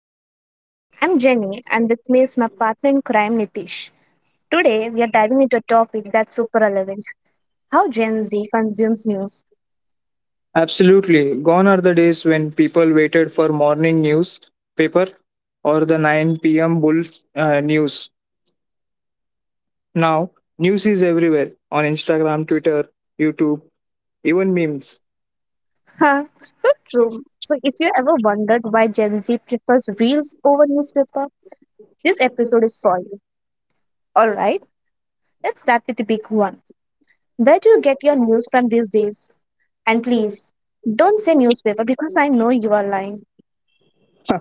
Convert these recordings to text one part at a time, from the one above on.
Switch. I'm Jenny and with me is my partner in crime Nitish. Today we are diving into a topic that's super relevant, how Gen Z consumes news. Absolutely. Gone are the days when people waited for morning newspaper or the 9 p.m. bull news. Now, news is everywhere on Instagram, Twitter, YouTube, even memes. Huh, so true. So if you ever wondered why Gen Z prefers reels over newspaper, this episode is for you. Alright, let's start with the big one. Where do you get your news from these days? And please, don't say newspaper because I know you are lying. Huh,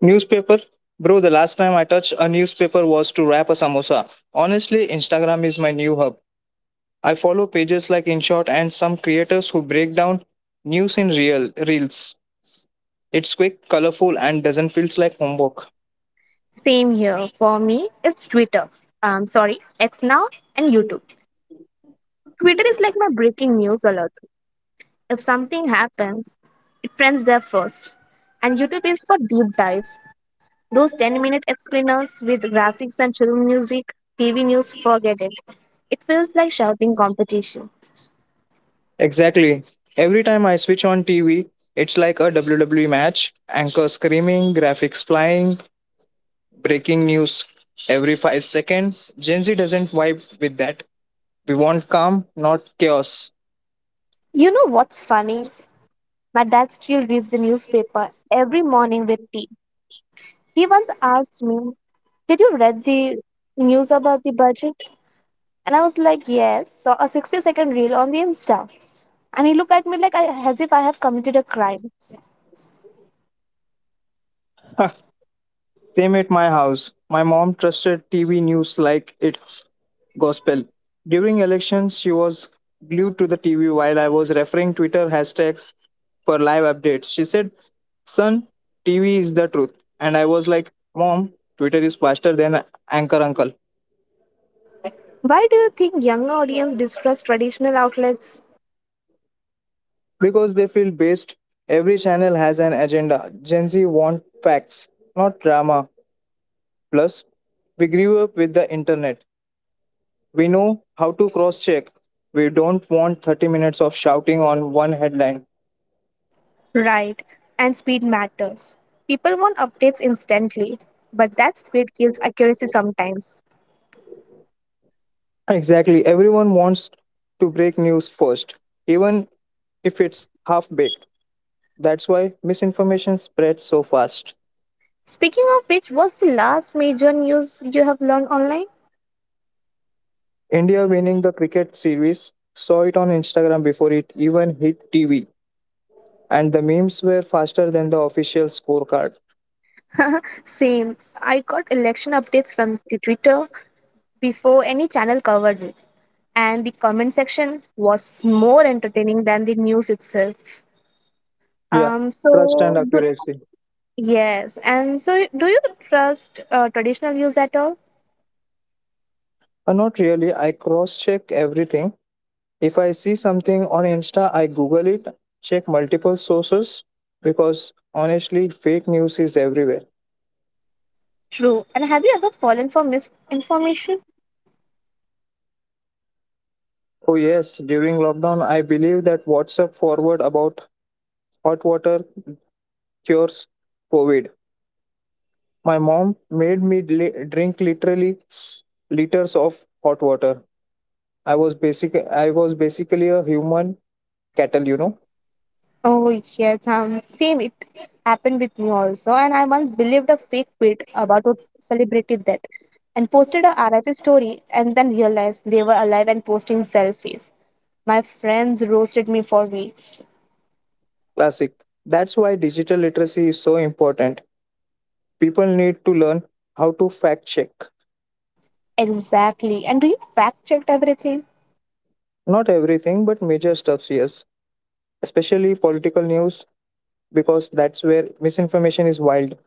newspaper? Bro, the last time I touched a newspaper was to wrap a samosa. Honestly, Instagram is my new hub. I follow pages like InShot and some creators who break down news in real reels. It's quick, colorful, and doesn't feel like homework. Same here. For me, it's Twitter. Sorry, X now and YouTube. Twitter is like my breaking news alert. If something happens, it trends there first. And YouTube is for deep dives. Those 10-minute explainers with graphics and chill music, TV news, forget it. It feels like shouting competition. Exactly. Every time I switch on TV, it's like a WWE match. Anchor screaming, graphics flying, breaking news every 5 seconds. Gen Z doesn't vibe with that. We want calm, not chaos. You know what's funny? My dad still reads the newspaper every morning with tea. He once asked me, did you read the news about the budget? And I was like, yes, saw a 60-second reel on the Insta. And he looked at me like I, as if I have committed a crime. Fame at my house. My mom trusted TV news like it's gospel. During elections, she was glued to the TV while I was referring Twitter hashtags for live updates. She said, "Son, TV is the truth." And I was like, "Mom, Twitter is faster than Anchor Uncle." Why do you think younger audience distrust traditional outlets? Because they feel based, every channel has an agenda. Gen Z want facts, not drama. Plus, we grew up with the internet. We know how to cross check. We don't want 30 minutes of shouting on one headline. Right, and speed matters. People want updates instantly, but that speed kills accuracy sometimes. Exactly. Everyone wants to break news first, even if it's half baked. That's why misinformation spreads so fast. Speaking of which, what's the last major news you have learned online? India winning the cricket series, saw it on Instagram before it even hit TV, and the memes were faster than the official scorecard. Same. I got election updates from the Twitter before any channel covered it, and the comment section was more entertaining than the news itself. Yeah, Um, trust so, and do, accuracy. yes, and so do you trust traditional views at all? Not really. I cross check everything. If I see something on Insta, I Google it, check multiple sources because honestly, fake news is everywhere. True. And have you ever fallen for misinformation? Oh, yes, during lockdown, I believe that WhatsApp forward about hot water cures COVID. My mom made me drink literally liters of hot water. I was basically a human cattle, Oh, yes, same. It happened with me also. And I once believed a fake tweet about a celebrity death and posted a RIP story and then realized they were alive and posting selfies. My friends roasted me for weeks. classic. That's why digital literacy is so important. People need to learn how to fact check. Exactly. And do you fact check everything? Not everything, but major stuffs, yes. Especially political news, because that's where misinformation is wild.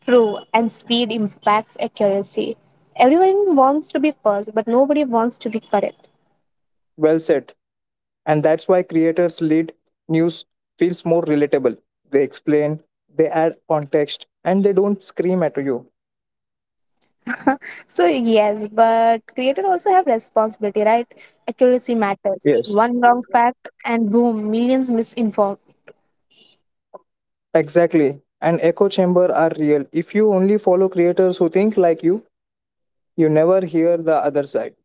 True. And speed impacts accuracy. Everyone wants to be first, but nobody wants to be correct. Well said. And that's why creators lead news feels more relatable. They explain, they add context, and they don't scream at you. So yes, but creators also have responsibility, right? Accuracy matters. Yes. One wrong fact and boom, millions misinformed. Exactly. And echo chamber are real. If you only follow creators who think like you never hear the other side.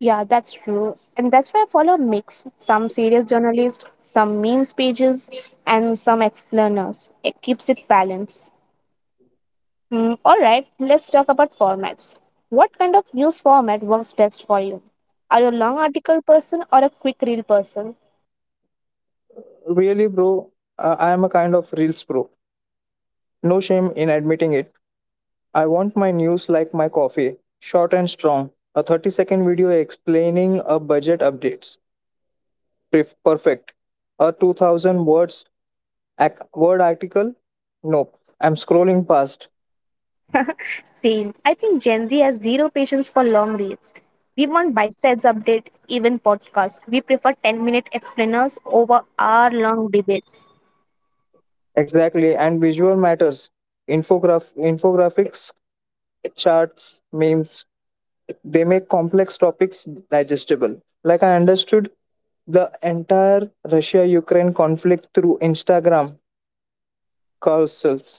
Yeah, that's true. And that's why I follow a mix. Some serious journalists, some memes pages, and some explainers. It keeps it balanced. All right, let's talk about formats. What kind of news format works best for you? Are you a long article person or a quick reel person? Really, bro, I am a kind of reels pro. No shame in admitting it. I want my news like my coffee, short and strong. A 30-second video explaining a budget updates. Perfect. A 2000 words word article? Nope. I'm scrolling past. Same. I think Gen Z has zero patience for long reads. We want bite-sized update, even podcast. We prefer 10-minute explainers over hour-long debates. Exactly. And visual matters. Infographics, charts, memes, they make complex topics digestible. Like I understood the entire Russia Ukraine conflict through Instagram carousels.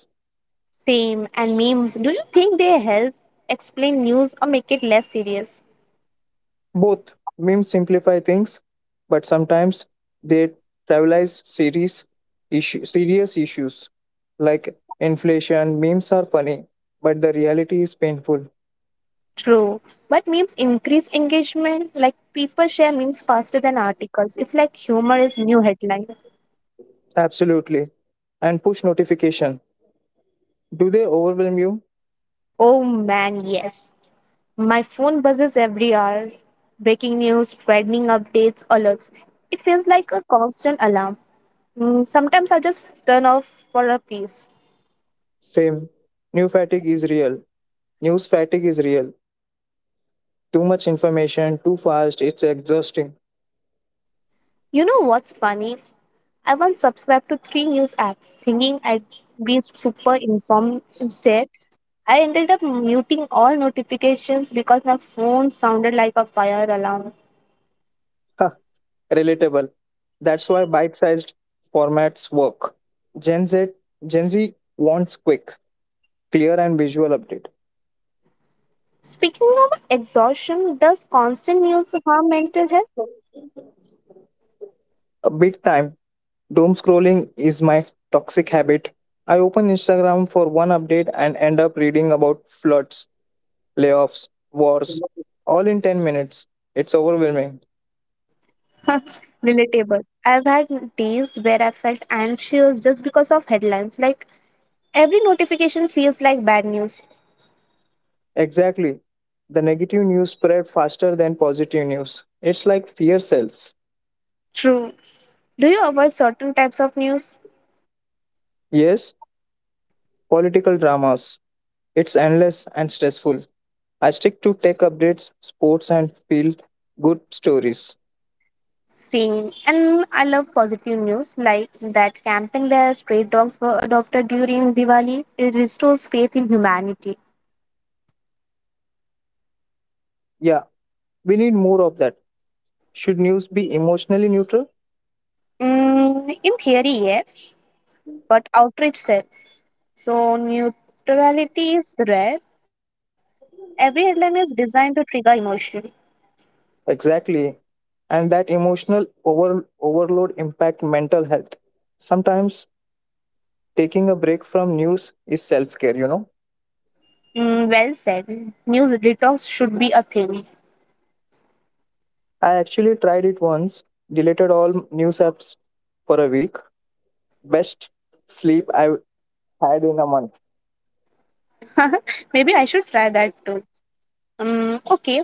Same. And memes. Do you think they help explain news or make it less serious? Both memes simplify things, but sometimes they trivialize serious, serious issues like inflation. Memes are funny, but the reality is painful. True. But memes increase engagement. Like people share memes faster than articles. It's like humor is new headline. Absolutely. And push notification. Do they overwhelm you? Oh man, yes. My phone buzzes every hour. Breaking news, trending updates, alerts. It feels like a constant alarm. Sometimes I just turn off for a piece. Same. New fatigue is real. News fatigue is real. Too much information, too fast, it's exhausting. You know what's funny? I once subscribed to three news apps thinking I'd be super informed instead. I ended up muting all notifications because my phone sounded like a fire alarm. Ha, relatable. That's why bite-sized formats work. Gen Z Gen Z wants quick, clear and visual update. Speaking of exhaustion, does constant news harm mental A big time. Doom scrolling is my toxic habit. I open Instagram for one update and end up reading about floods, layoffs, wars, all in 10 minutes. It's overwhelming. health? Relatable. I've had days where I felt anxious just because of headlines. Like every notification feels like bad news. Exactly. The negative news spread faster than positive news. It's like fear cells. True. Do you avoid certain types of news? Yes, political dramas. It's endless and stressful. I stick to tech updates, sports, and feel good stories. Same. And I love positive news like that camping where stray dogs were adopted during Diwali. It restores faith in humanity. Yeah, we need more of that. Should news be emotionally neutral? In theory, yes, but outreach sells. So neutrality is rare. Every headline is designed to trigger emotion. Exactly. And that emotional overload impact mental health. Sometimes taking a break from news is self-care, you know. Well said. News detox should be a thing. I actually tried it once, deleted all news apps for a week. Best sleep I had in a month. Maybe I should try that too. Um, okay,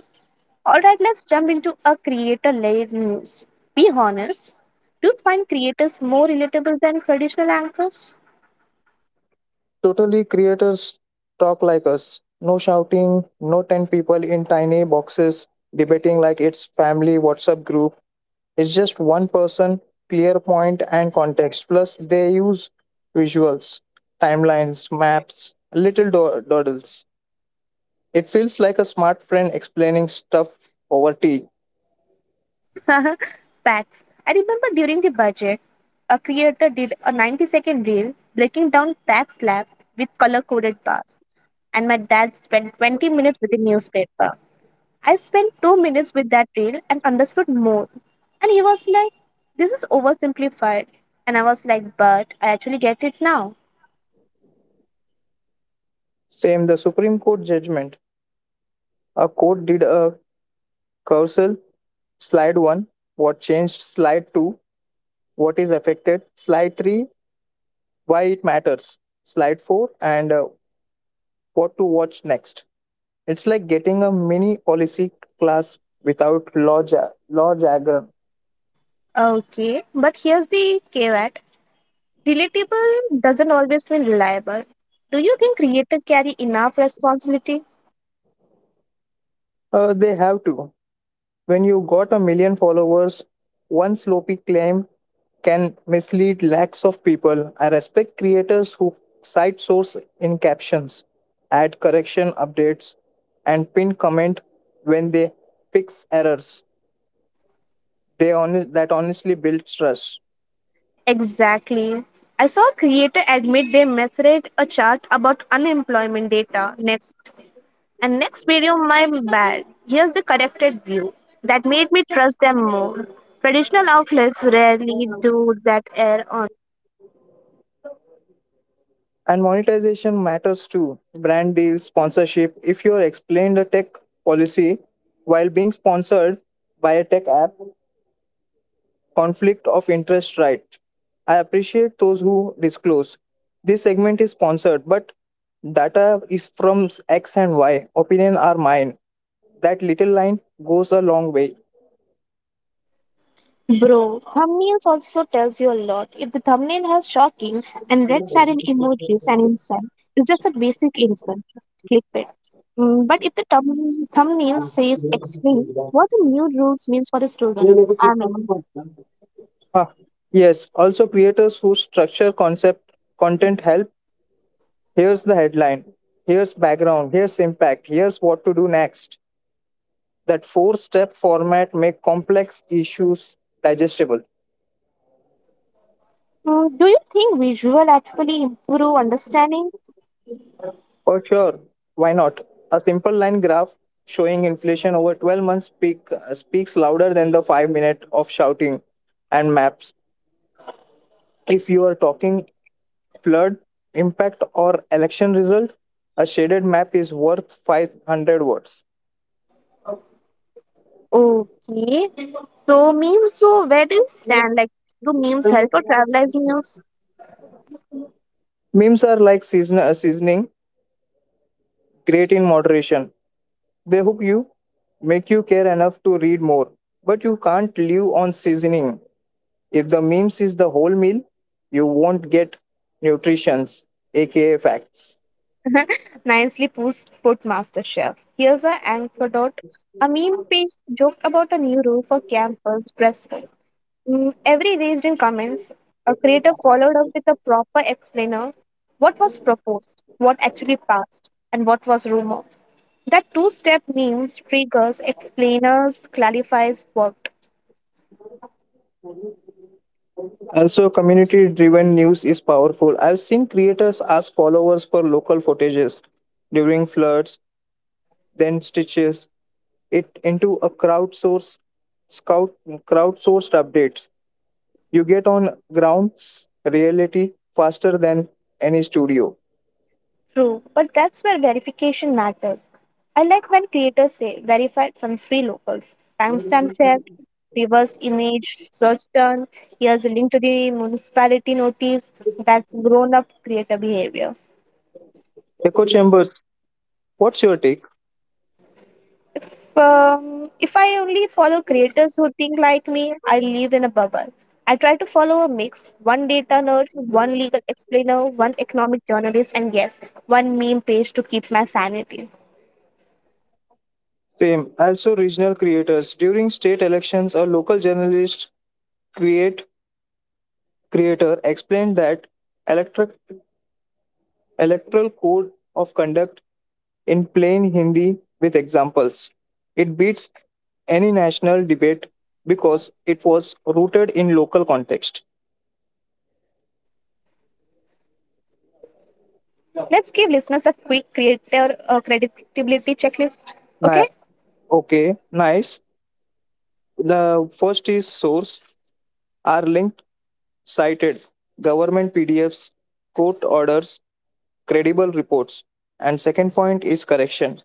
All right, let's jump into a creator led news. Be honest, do you find creators more relatable than traditional anchors? Totally, creators talk like us, no shouting, no 10 people in tiny boxes debating like it's family WhatsApp group. It's just one person, clear point and context. Plus, they use visuals, timelines, maps, little doodles. It feels like a smart friend explaining stuff over tea. Facts. I remember during the budget, a creator did a 90-second reel breaking down tax slab with color coded bars, and my dad spent 20 minutes with the newspaper. I spent 2 minutes with that reel and understood more. And he was like, this is oversimplified. And I was like, but I actually get it now. Same, the Supreme Court judgment. A court did a carousel, slide 1, what changed, slide 2, what is affected, slide 3, why it matters, slide 4, and what to watch next. It's like getting a mini policy class without law jargon. Okay, but here's the caveat. Relatable doesn't always mean reliable. Do you think creators carry enough responsibility? They have to. When you got a million followers, one sloppy claim can mislead lakhs of people. I respect creators who cite source in captions, add correction updates, and pin comment when they fix errors. They on that honestly builds trust. Exactly. I saw a creator admit they misread a chart about unemployment data next. And next video, my bad. Here's the corrected view. That made me trust them more. Traditional outlets rarely do that err on. And monetization matters too. Brand deals, sponsorship. If you explain the tech policy while being sponsored by a tech app, conflict of interest right. I appreciate those who disclose. This segment is sponsored, but data is from X and Y. Opinion are mine. That little line goes a long way. Bro, thumbnails also tells you a lot. If the thumbnail has shocking and red satin emojis and inside, it's just a basic info. Click it. But if the thumbnail says explain what the new rules means for the student, I mean, Ha. Yes, also creators who structure concept content help. Here's the headline, here's background, here's impact, here's what to do next. That four step format makes complex issues digestible. Do you think visual actually improve understanding? For sure, why not? A simple line graph showing inflation over 12 months peak, speaks louder than the 5 minute of shouting and maps. If you are talking flood impact or election result, a shaded map is worth 500 words. Okay. So memes, so where do you stand? Like, do memes help or travel as news? Memes are like seasoning, great in moderation. They hook you, make you care enough to read more. But you can't live on seasoning. If the memes is the whole meal, you won't get nutritions, aka facts. Nicely put, put MasterChef. Here's an anecdote. A meme page joked about a new rule for campus dress code. Every raised in comments, a creator followed up with a proper explainer what was proposed, what actually passed, and what was rumor. That two-step memes triggers, explainers, clarifies, worked. Also, community driven news is powerful. I've seen creators ask followers for local footages during floods, then stitches it into a scout crowdsourced updates. You get on ground reality faster than any studio. True, but that's where verification matters. I like when creators say verified from three locals. Timestamp checked, reverse image, search term, here's a link to the municipality notice. That's grown up creator behavior. Echo chambers, what's your take? If I only follow creators who think like me, I live in a bubble. I try to follow a mix one data nerd, one legal explainer, one economic journalist, and yes, one meme page to keep my sanity. Same? Also regional creators. During state elections, a local journalist create creator explained that electric, electoral code of conduct in plain Hindi with examples. It beats any national debate because it was rooted in local context. Let's give listeners a quick creator creditability checklist. Okay, Ni- Okay, nice. The first is source are linked, cited, government PDFs, court orders, credible reports. And second point is correction.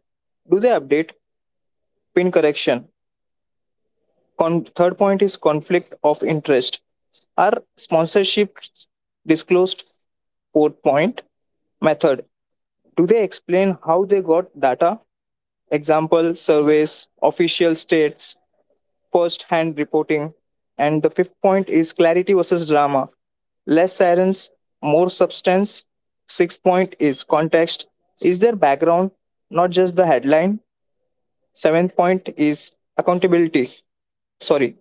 Do they update pin correction? Third point is conflict of interest. Are sponsorships disclosed? Fourth point method. Do they explain how they got data? Example, surveys, official states, first hand reporting. And the fifth point is clarity versus drama. Less sirens, more substance. Sixth point is context. Is there background, not just the headline? Seventh point is accountability. Sorry,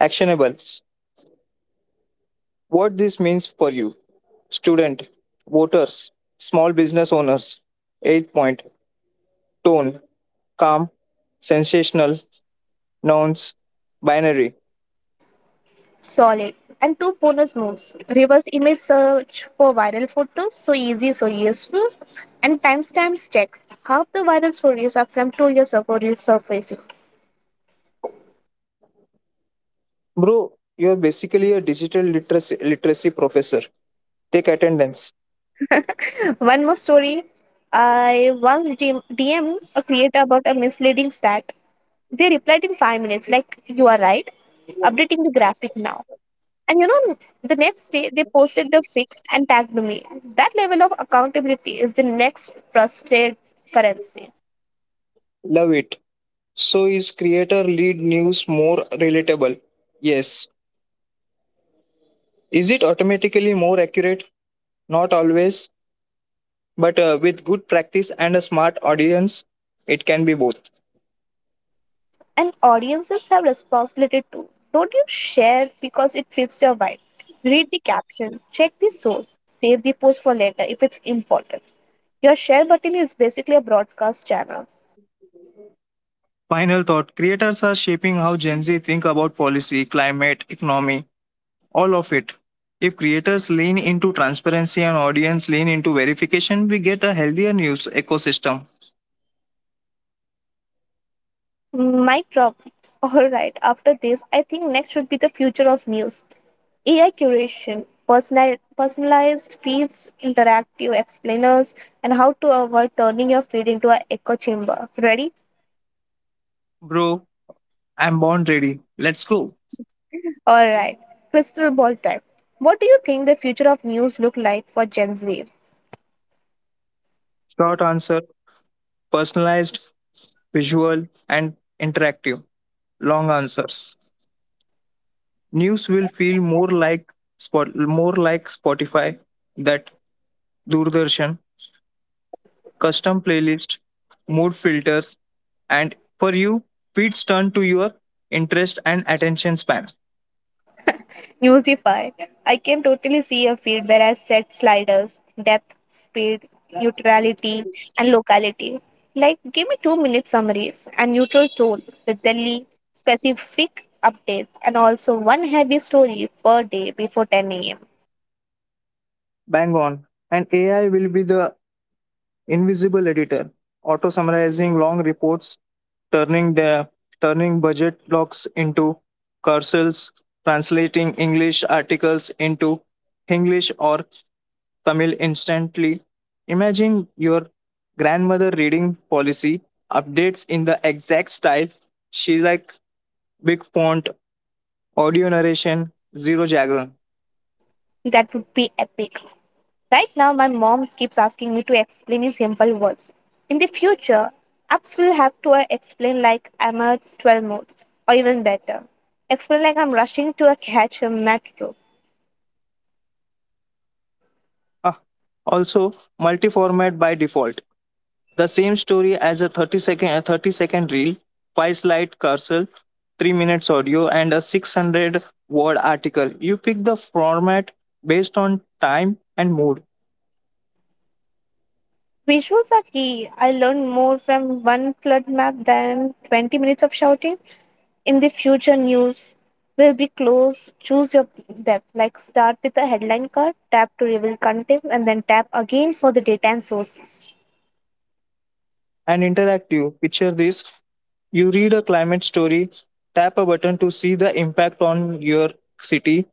actionables. What this means for you, student, voters, small business owners. Eighth point, tone, calm, sensational, nouns, binary. solid. And two bonus moves reverse image search for viral photos, so easy, so useful, and timestamps check. Half the viral stories are from 2 years ago resurfacing. Bro, you're basically a literacy professor. Take attendance. One more story I once dm a creator about a misleading stat. They replied in 5 minutes, like, you are right, updating the graphic now. And you know, the next day they posted the fixed and tagged me. That level of accountability is the next trusted currency. Love it. So is creator lead news more relatable? Yes. Is it automatically more accurate? Not always, but with good practice and a smart audience, it can be both. And audiences have responsibility too. Don't you share because it fits your vibe. Read the caption, check the source, save the post for later if it's important. Your share button is basically a broadcast channel. Final thought, creators are shaping how Gen Z think about policy, climate, economy, all of it. If creators lean into transparency and audience lean into verification, we get a healthier news ecosystem. Mic drop. Alright, after this, I think next should be the future of news. AI curation, personalized feeds, interactive explainers, and how to avoid turning your feed into an echo chamber. Ready? Bro, I'm born ready. Let's go. All right. Crystal ball time. What do you think the future of news look like for Gen Z? Short answer, personalized, visual, and interactive. Long answers. News will feel more like Spotify, that Doordarshan, custom playlist, mood filters, and for you, feeds turn to your interest and attention span. Musify. I can totally see a field where I set sliders, depth, speed, neutrality, and locality. Like, give me 2 minute summaries and neutral tone with daily specific updates and also one heavy story per day before 10 a.m. Bang on. And AI will be the invisible editor, auto summarizing long reports, turning the turning budget logs into cursors, translating English articles into English or Tamil instantly. Imagine your grandmother reading policy updates in the exact style. She like big font, audio narration, zero jargon. That would be epic. Right now, my mom keeps asking me to explain in simple words. In the future, apps will have to explain like I'm a 12 mode, or even better, explain like I'm rushing to a catch a metro. Ah, also multi-format by default. The same story as a 30-second reel, 5 slide carousel, 3 minutes audio, and a 600 word article. You pick the format based on time and mood Visuals are key. I learned more from one flood map than 20 minutes of shouting. In the future, news will be close. Choose your depth. Like start with the headline card, tap to reveal contents, and then tap again for the data and sources. and interactive. Picture this, you read a climate story, tap a button to see the impact on your city,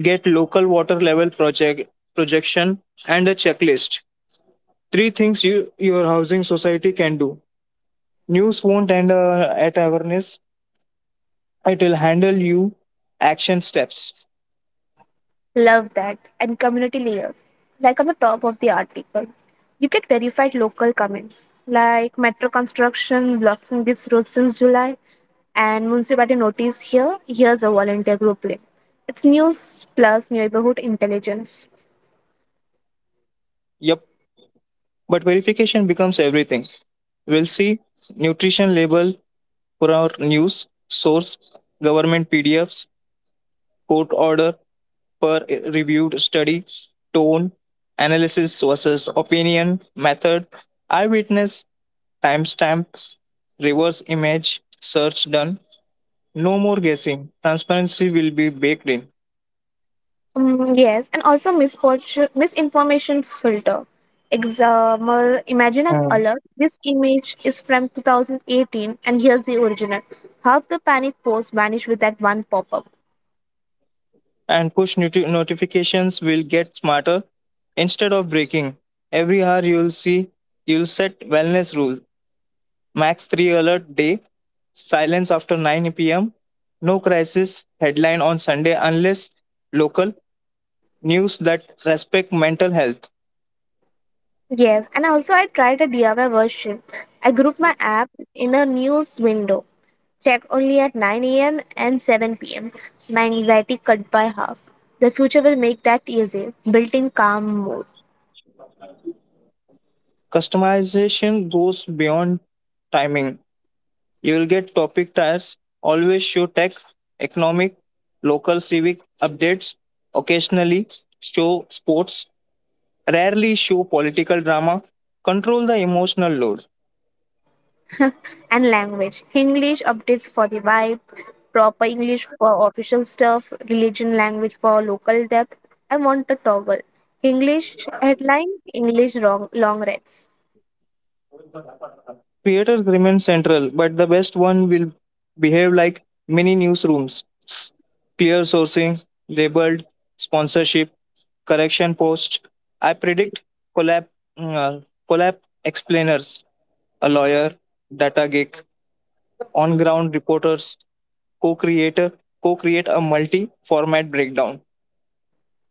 get local water level projection, and a checklist. Three things you, your housing society can do. News, won't and at awareness, it will handle you action steps. Love that. And community layers. Like on the top of the article, you get verified local comments like metro construction blocking this road since July and municipality notice here. Here's a volunteer group link. It's news plus neighborhood intelligence. Yep. But verification becomes everything. We'll see nutrition label for our news, source, government PDFs, court order per reviewed study, tone, analysis versus opinion, method, eyewitness, timestamp, reverse image, search done. No more guessing. Transparency will be baked in. Yes, and also misinformation filter. Example, imagine an alert. This image is from 2018 and here's the original. Half the panic posts vanish with that one pop-up. And push notifications will get smarter instead of breaking. Every hour you'll see you'll set wellness rule, max 3 alert day, silence after 9 p.m., no crisis headline on Sunday unless local news that respect mental health. Yes, and also I tried a DIY version. I grouped my app in a news window, check only at 9 a.m. and 7 p.m. My anxiety cut by half. The future will make that easy. Built in calm mode. Customization goes beyond timing. You will get topic tiers, always show tech, economic, local civic updates, occasionally show sports, rarely show political drama, control the emotional load. And language. English updates for the vibe, proper English for official stuff, religion language for local depth. I want a toggle. English headline, English long reads. Theaters remain central, but the best one will behave like mini newsrooms. Peer sourcing, labeled, sponsorship, correction post. I predict collab, uh, collab explainers, a lawyer, data geek, on ground reporters, co creator, co create a multi format breakdown.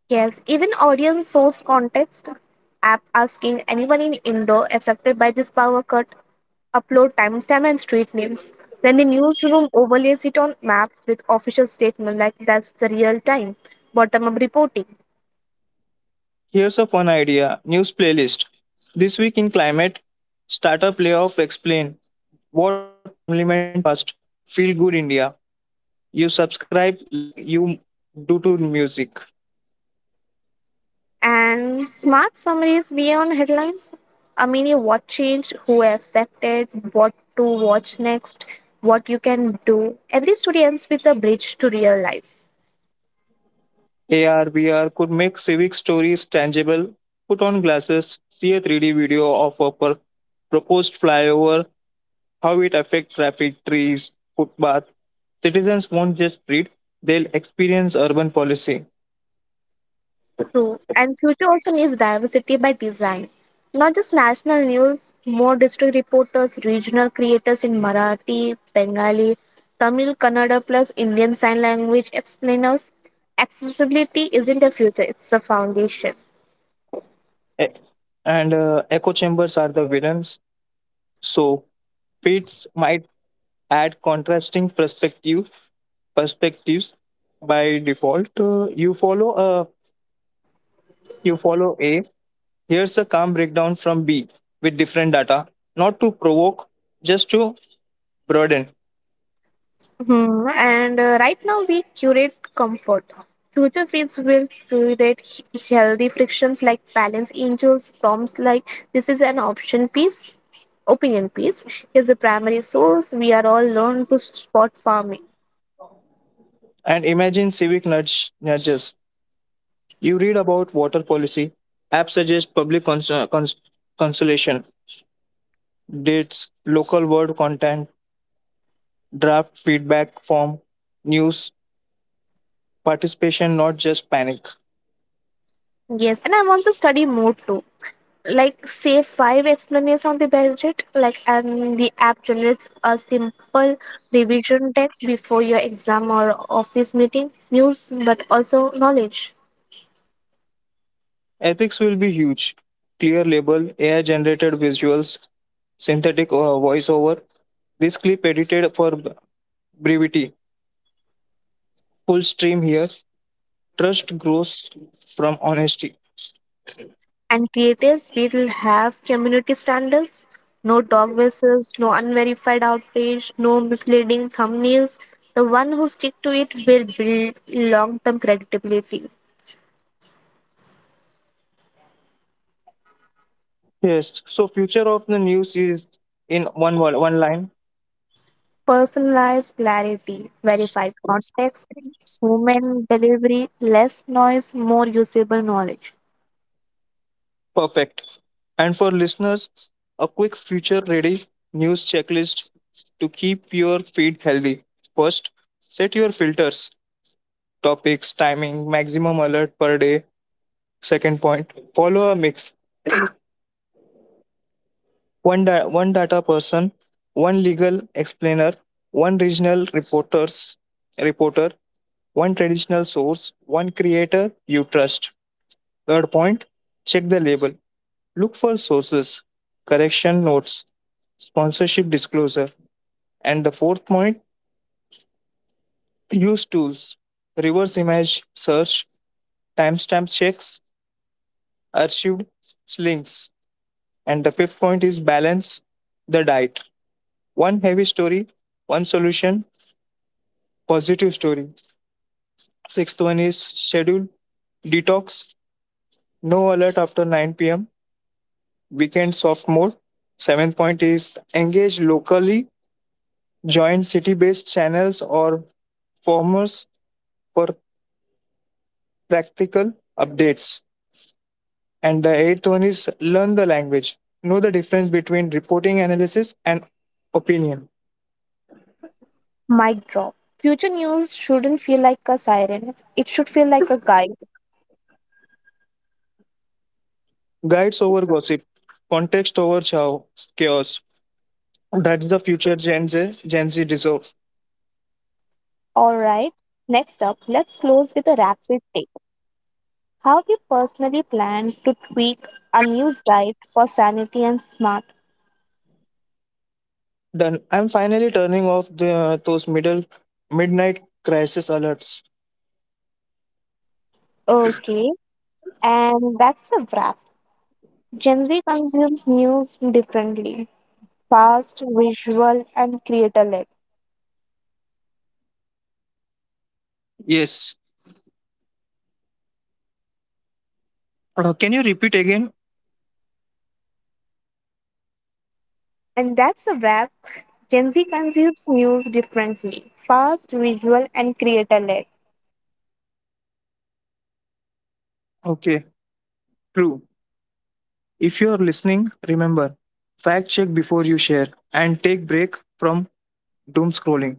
Yes, even audience source context app asking anyone in Indo affected by this power cut upload timestamp and street names. Then the newsroom overlays it on map with official statement like that's the real time, bottom up reporting. Here's a fun idea news playlist. This week in climate, startup layoff explain what parliament passed. Feel good India. You subscribe like you do to music. And smart summaries beyond headlines. I mean what changed, who affected, what to watch next, what you can do. Every story ends with a bridge to real life. AR, VR could make civic stories tangible. Put on glasses, see a 3D video of a proposed flyover, how it affects traffic, trees, footpath. Citizens won't just read, they'll experience urban policy. True. And future also needs diversity by design. Not just national news, more district reporters, regional creators in Marathi, Bengali, Tamil, Kannada plus Indian Sign Language explainers. Accessibility isn't a future, it's a foundation. E- And echo chambers are the villains. So pets might add contrasting perspective perspectives by default. You follow a you follow A. Here's a calm breakdown from B with different data, not to provoke, just to broaden. Hmm, And Right now we curate comfort. Future feeds will curate healthy frictions like balance angels, prompts like this is an opinion piece is the primary source. We are all learned to spot farming. And imagine civic nudges. You read about water policy. App suggests consultation, dates, local word content, draft feedback form, news participation, not just panic. Yes, and I want to study more too. Like say five explanations on the budget, like and the app generates a simple revision deck before your exam or office meeting, news but also knowledge. Ethics will be huge. Clear label, AI generated visuals, synthetic voiceover, this clip edited for brevity. Full stream here. Trust grows from honesty. And creators will have community standards. No dog whistles, no unverified outrage, no misleading thumbnails. The one who stick to it will build long-term credibility, Yes. So future of the news is in one word, one line. personalized clarity, verified context, human delivery, less noise, more usable knowledge. Perfect. And for listeners, a quick future ready news checklist to keep your feed healthy. First, set your filters, topics, timing, maximum alert per day. Second point, follow a mix, one data person, one legal explainer, one regional reporters, reporter, one traditional source, one creator you trust. Third point, check the label. Look for sources, correction notes, sponsorship disclosure. And the fourth point, use tools, reverse image search, timestamp checks, archived links. And the fifth point is balance the diet. One heavy story, one solution, positive story. Sixth one is schedule detox, no alert after 9 p.m., weekend soft mode. Seventh point is engage locally, join city based channels or forums for practical updates. And the eighth one is learn the language, know the difference between reporting analysis and opinion. Mic drop. Future news shouldn't feel like a siren. It should feel like a guide. Guides over gossip, context over chaos. That's the future Gen Z deserve. All right. Next up, let's close with a rapid take. How do you personally plan to tweak a news diet for sanity and smart? Done. I'm finally turning off the those middle midnight crisis alerts. Okay, and that's a wrap. Gen Z consumes news differently fast, visual, and creator led. Yes. Can you repeat again? And that's a wrap. Gen Z consumes news differently fast, visual, and creator led. Okay. True. If you're listening, remember, fact check before you share and take break from doom scrolling.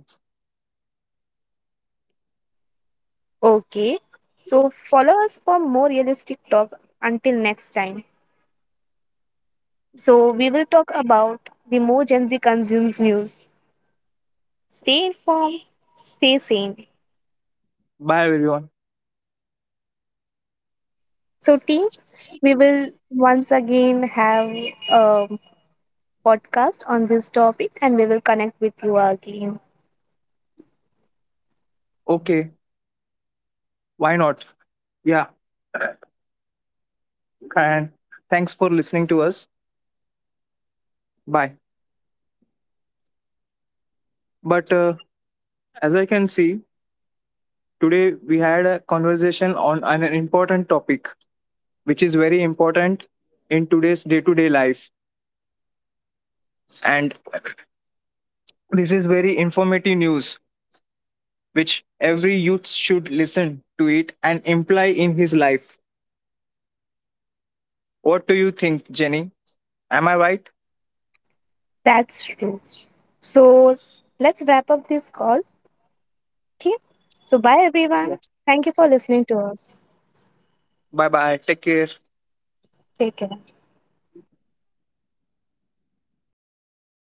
Okay, so follow us for more realistic talk until next time. So, we will talk about the more Gen Z consumes news. Stay informed, stay sane. Bye everyone. So, team, we will once again have a podcast on this topic and we will connect with you again. Okay. Why not? Yeah. And thanks for listening to us. Bye. But as I can see, today we had a conversation on an important topic, which is very important in today's day-to-day life and this is very informative news, which every youth should listen to it and imply in his life. What do you think, Jenny? Am I right? That's true. So, let's wrap up this call. Okay. So, bye Yes. everyone. Thank you for listening to us. Bye bye. Take care. Take care.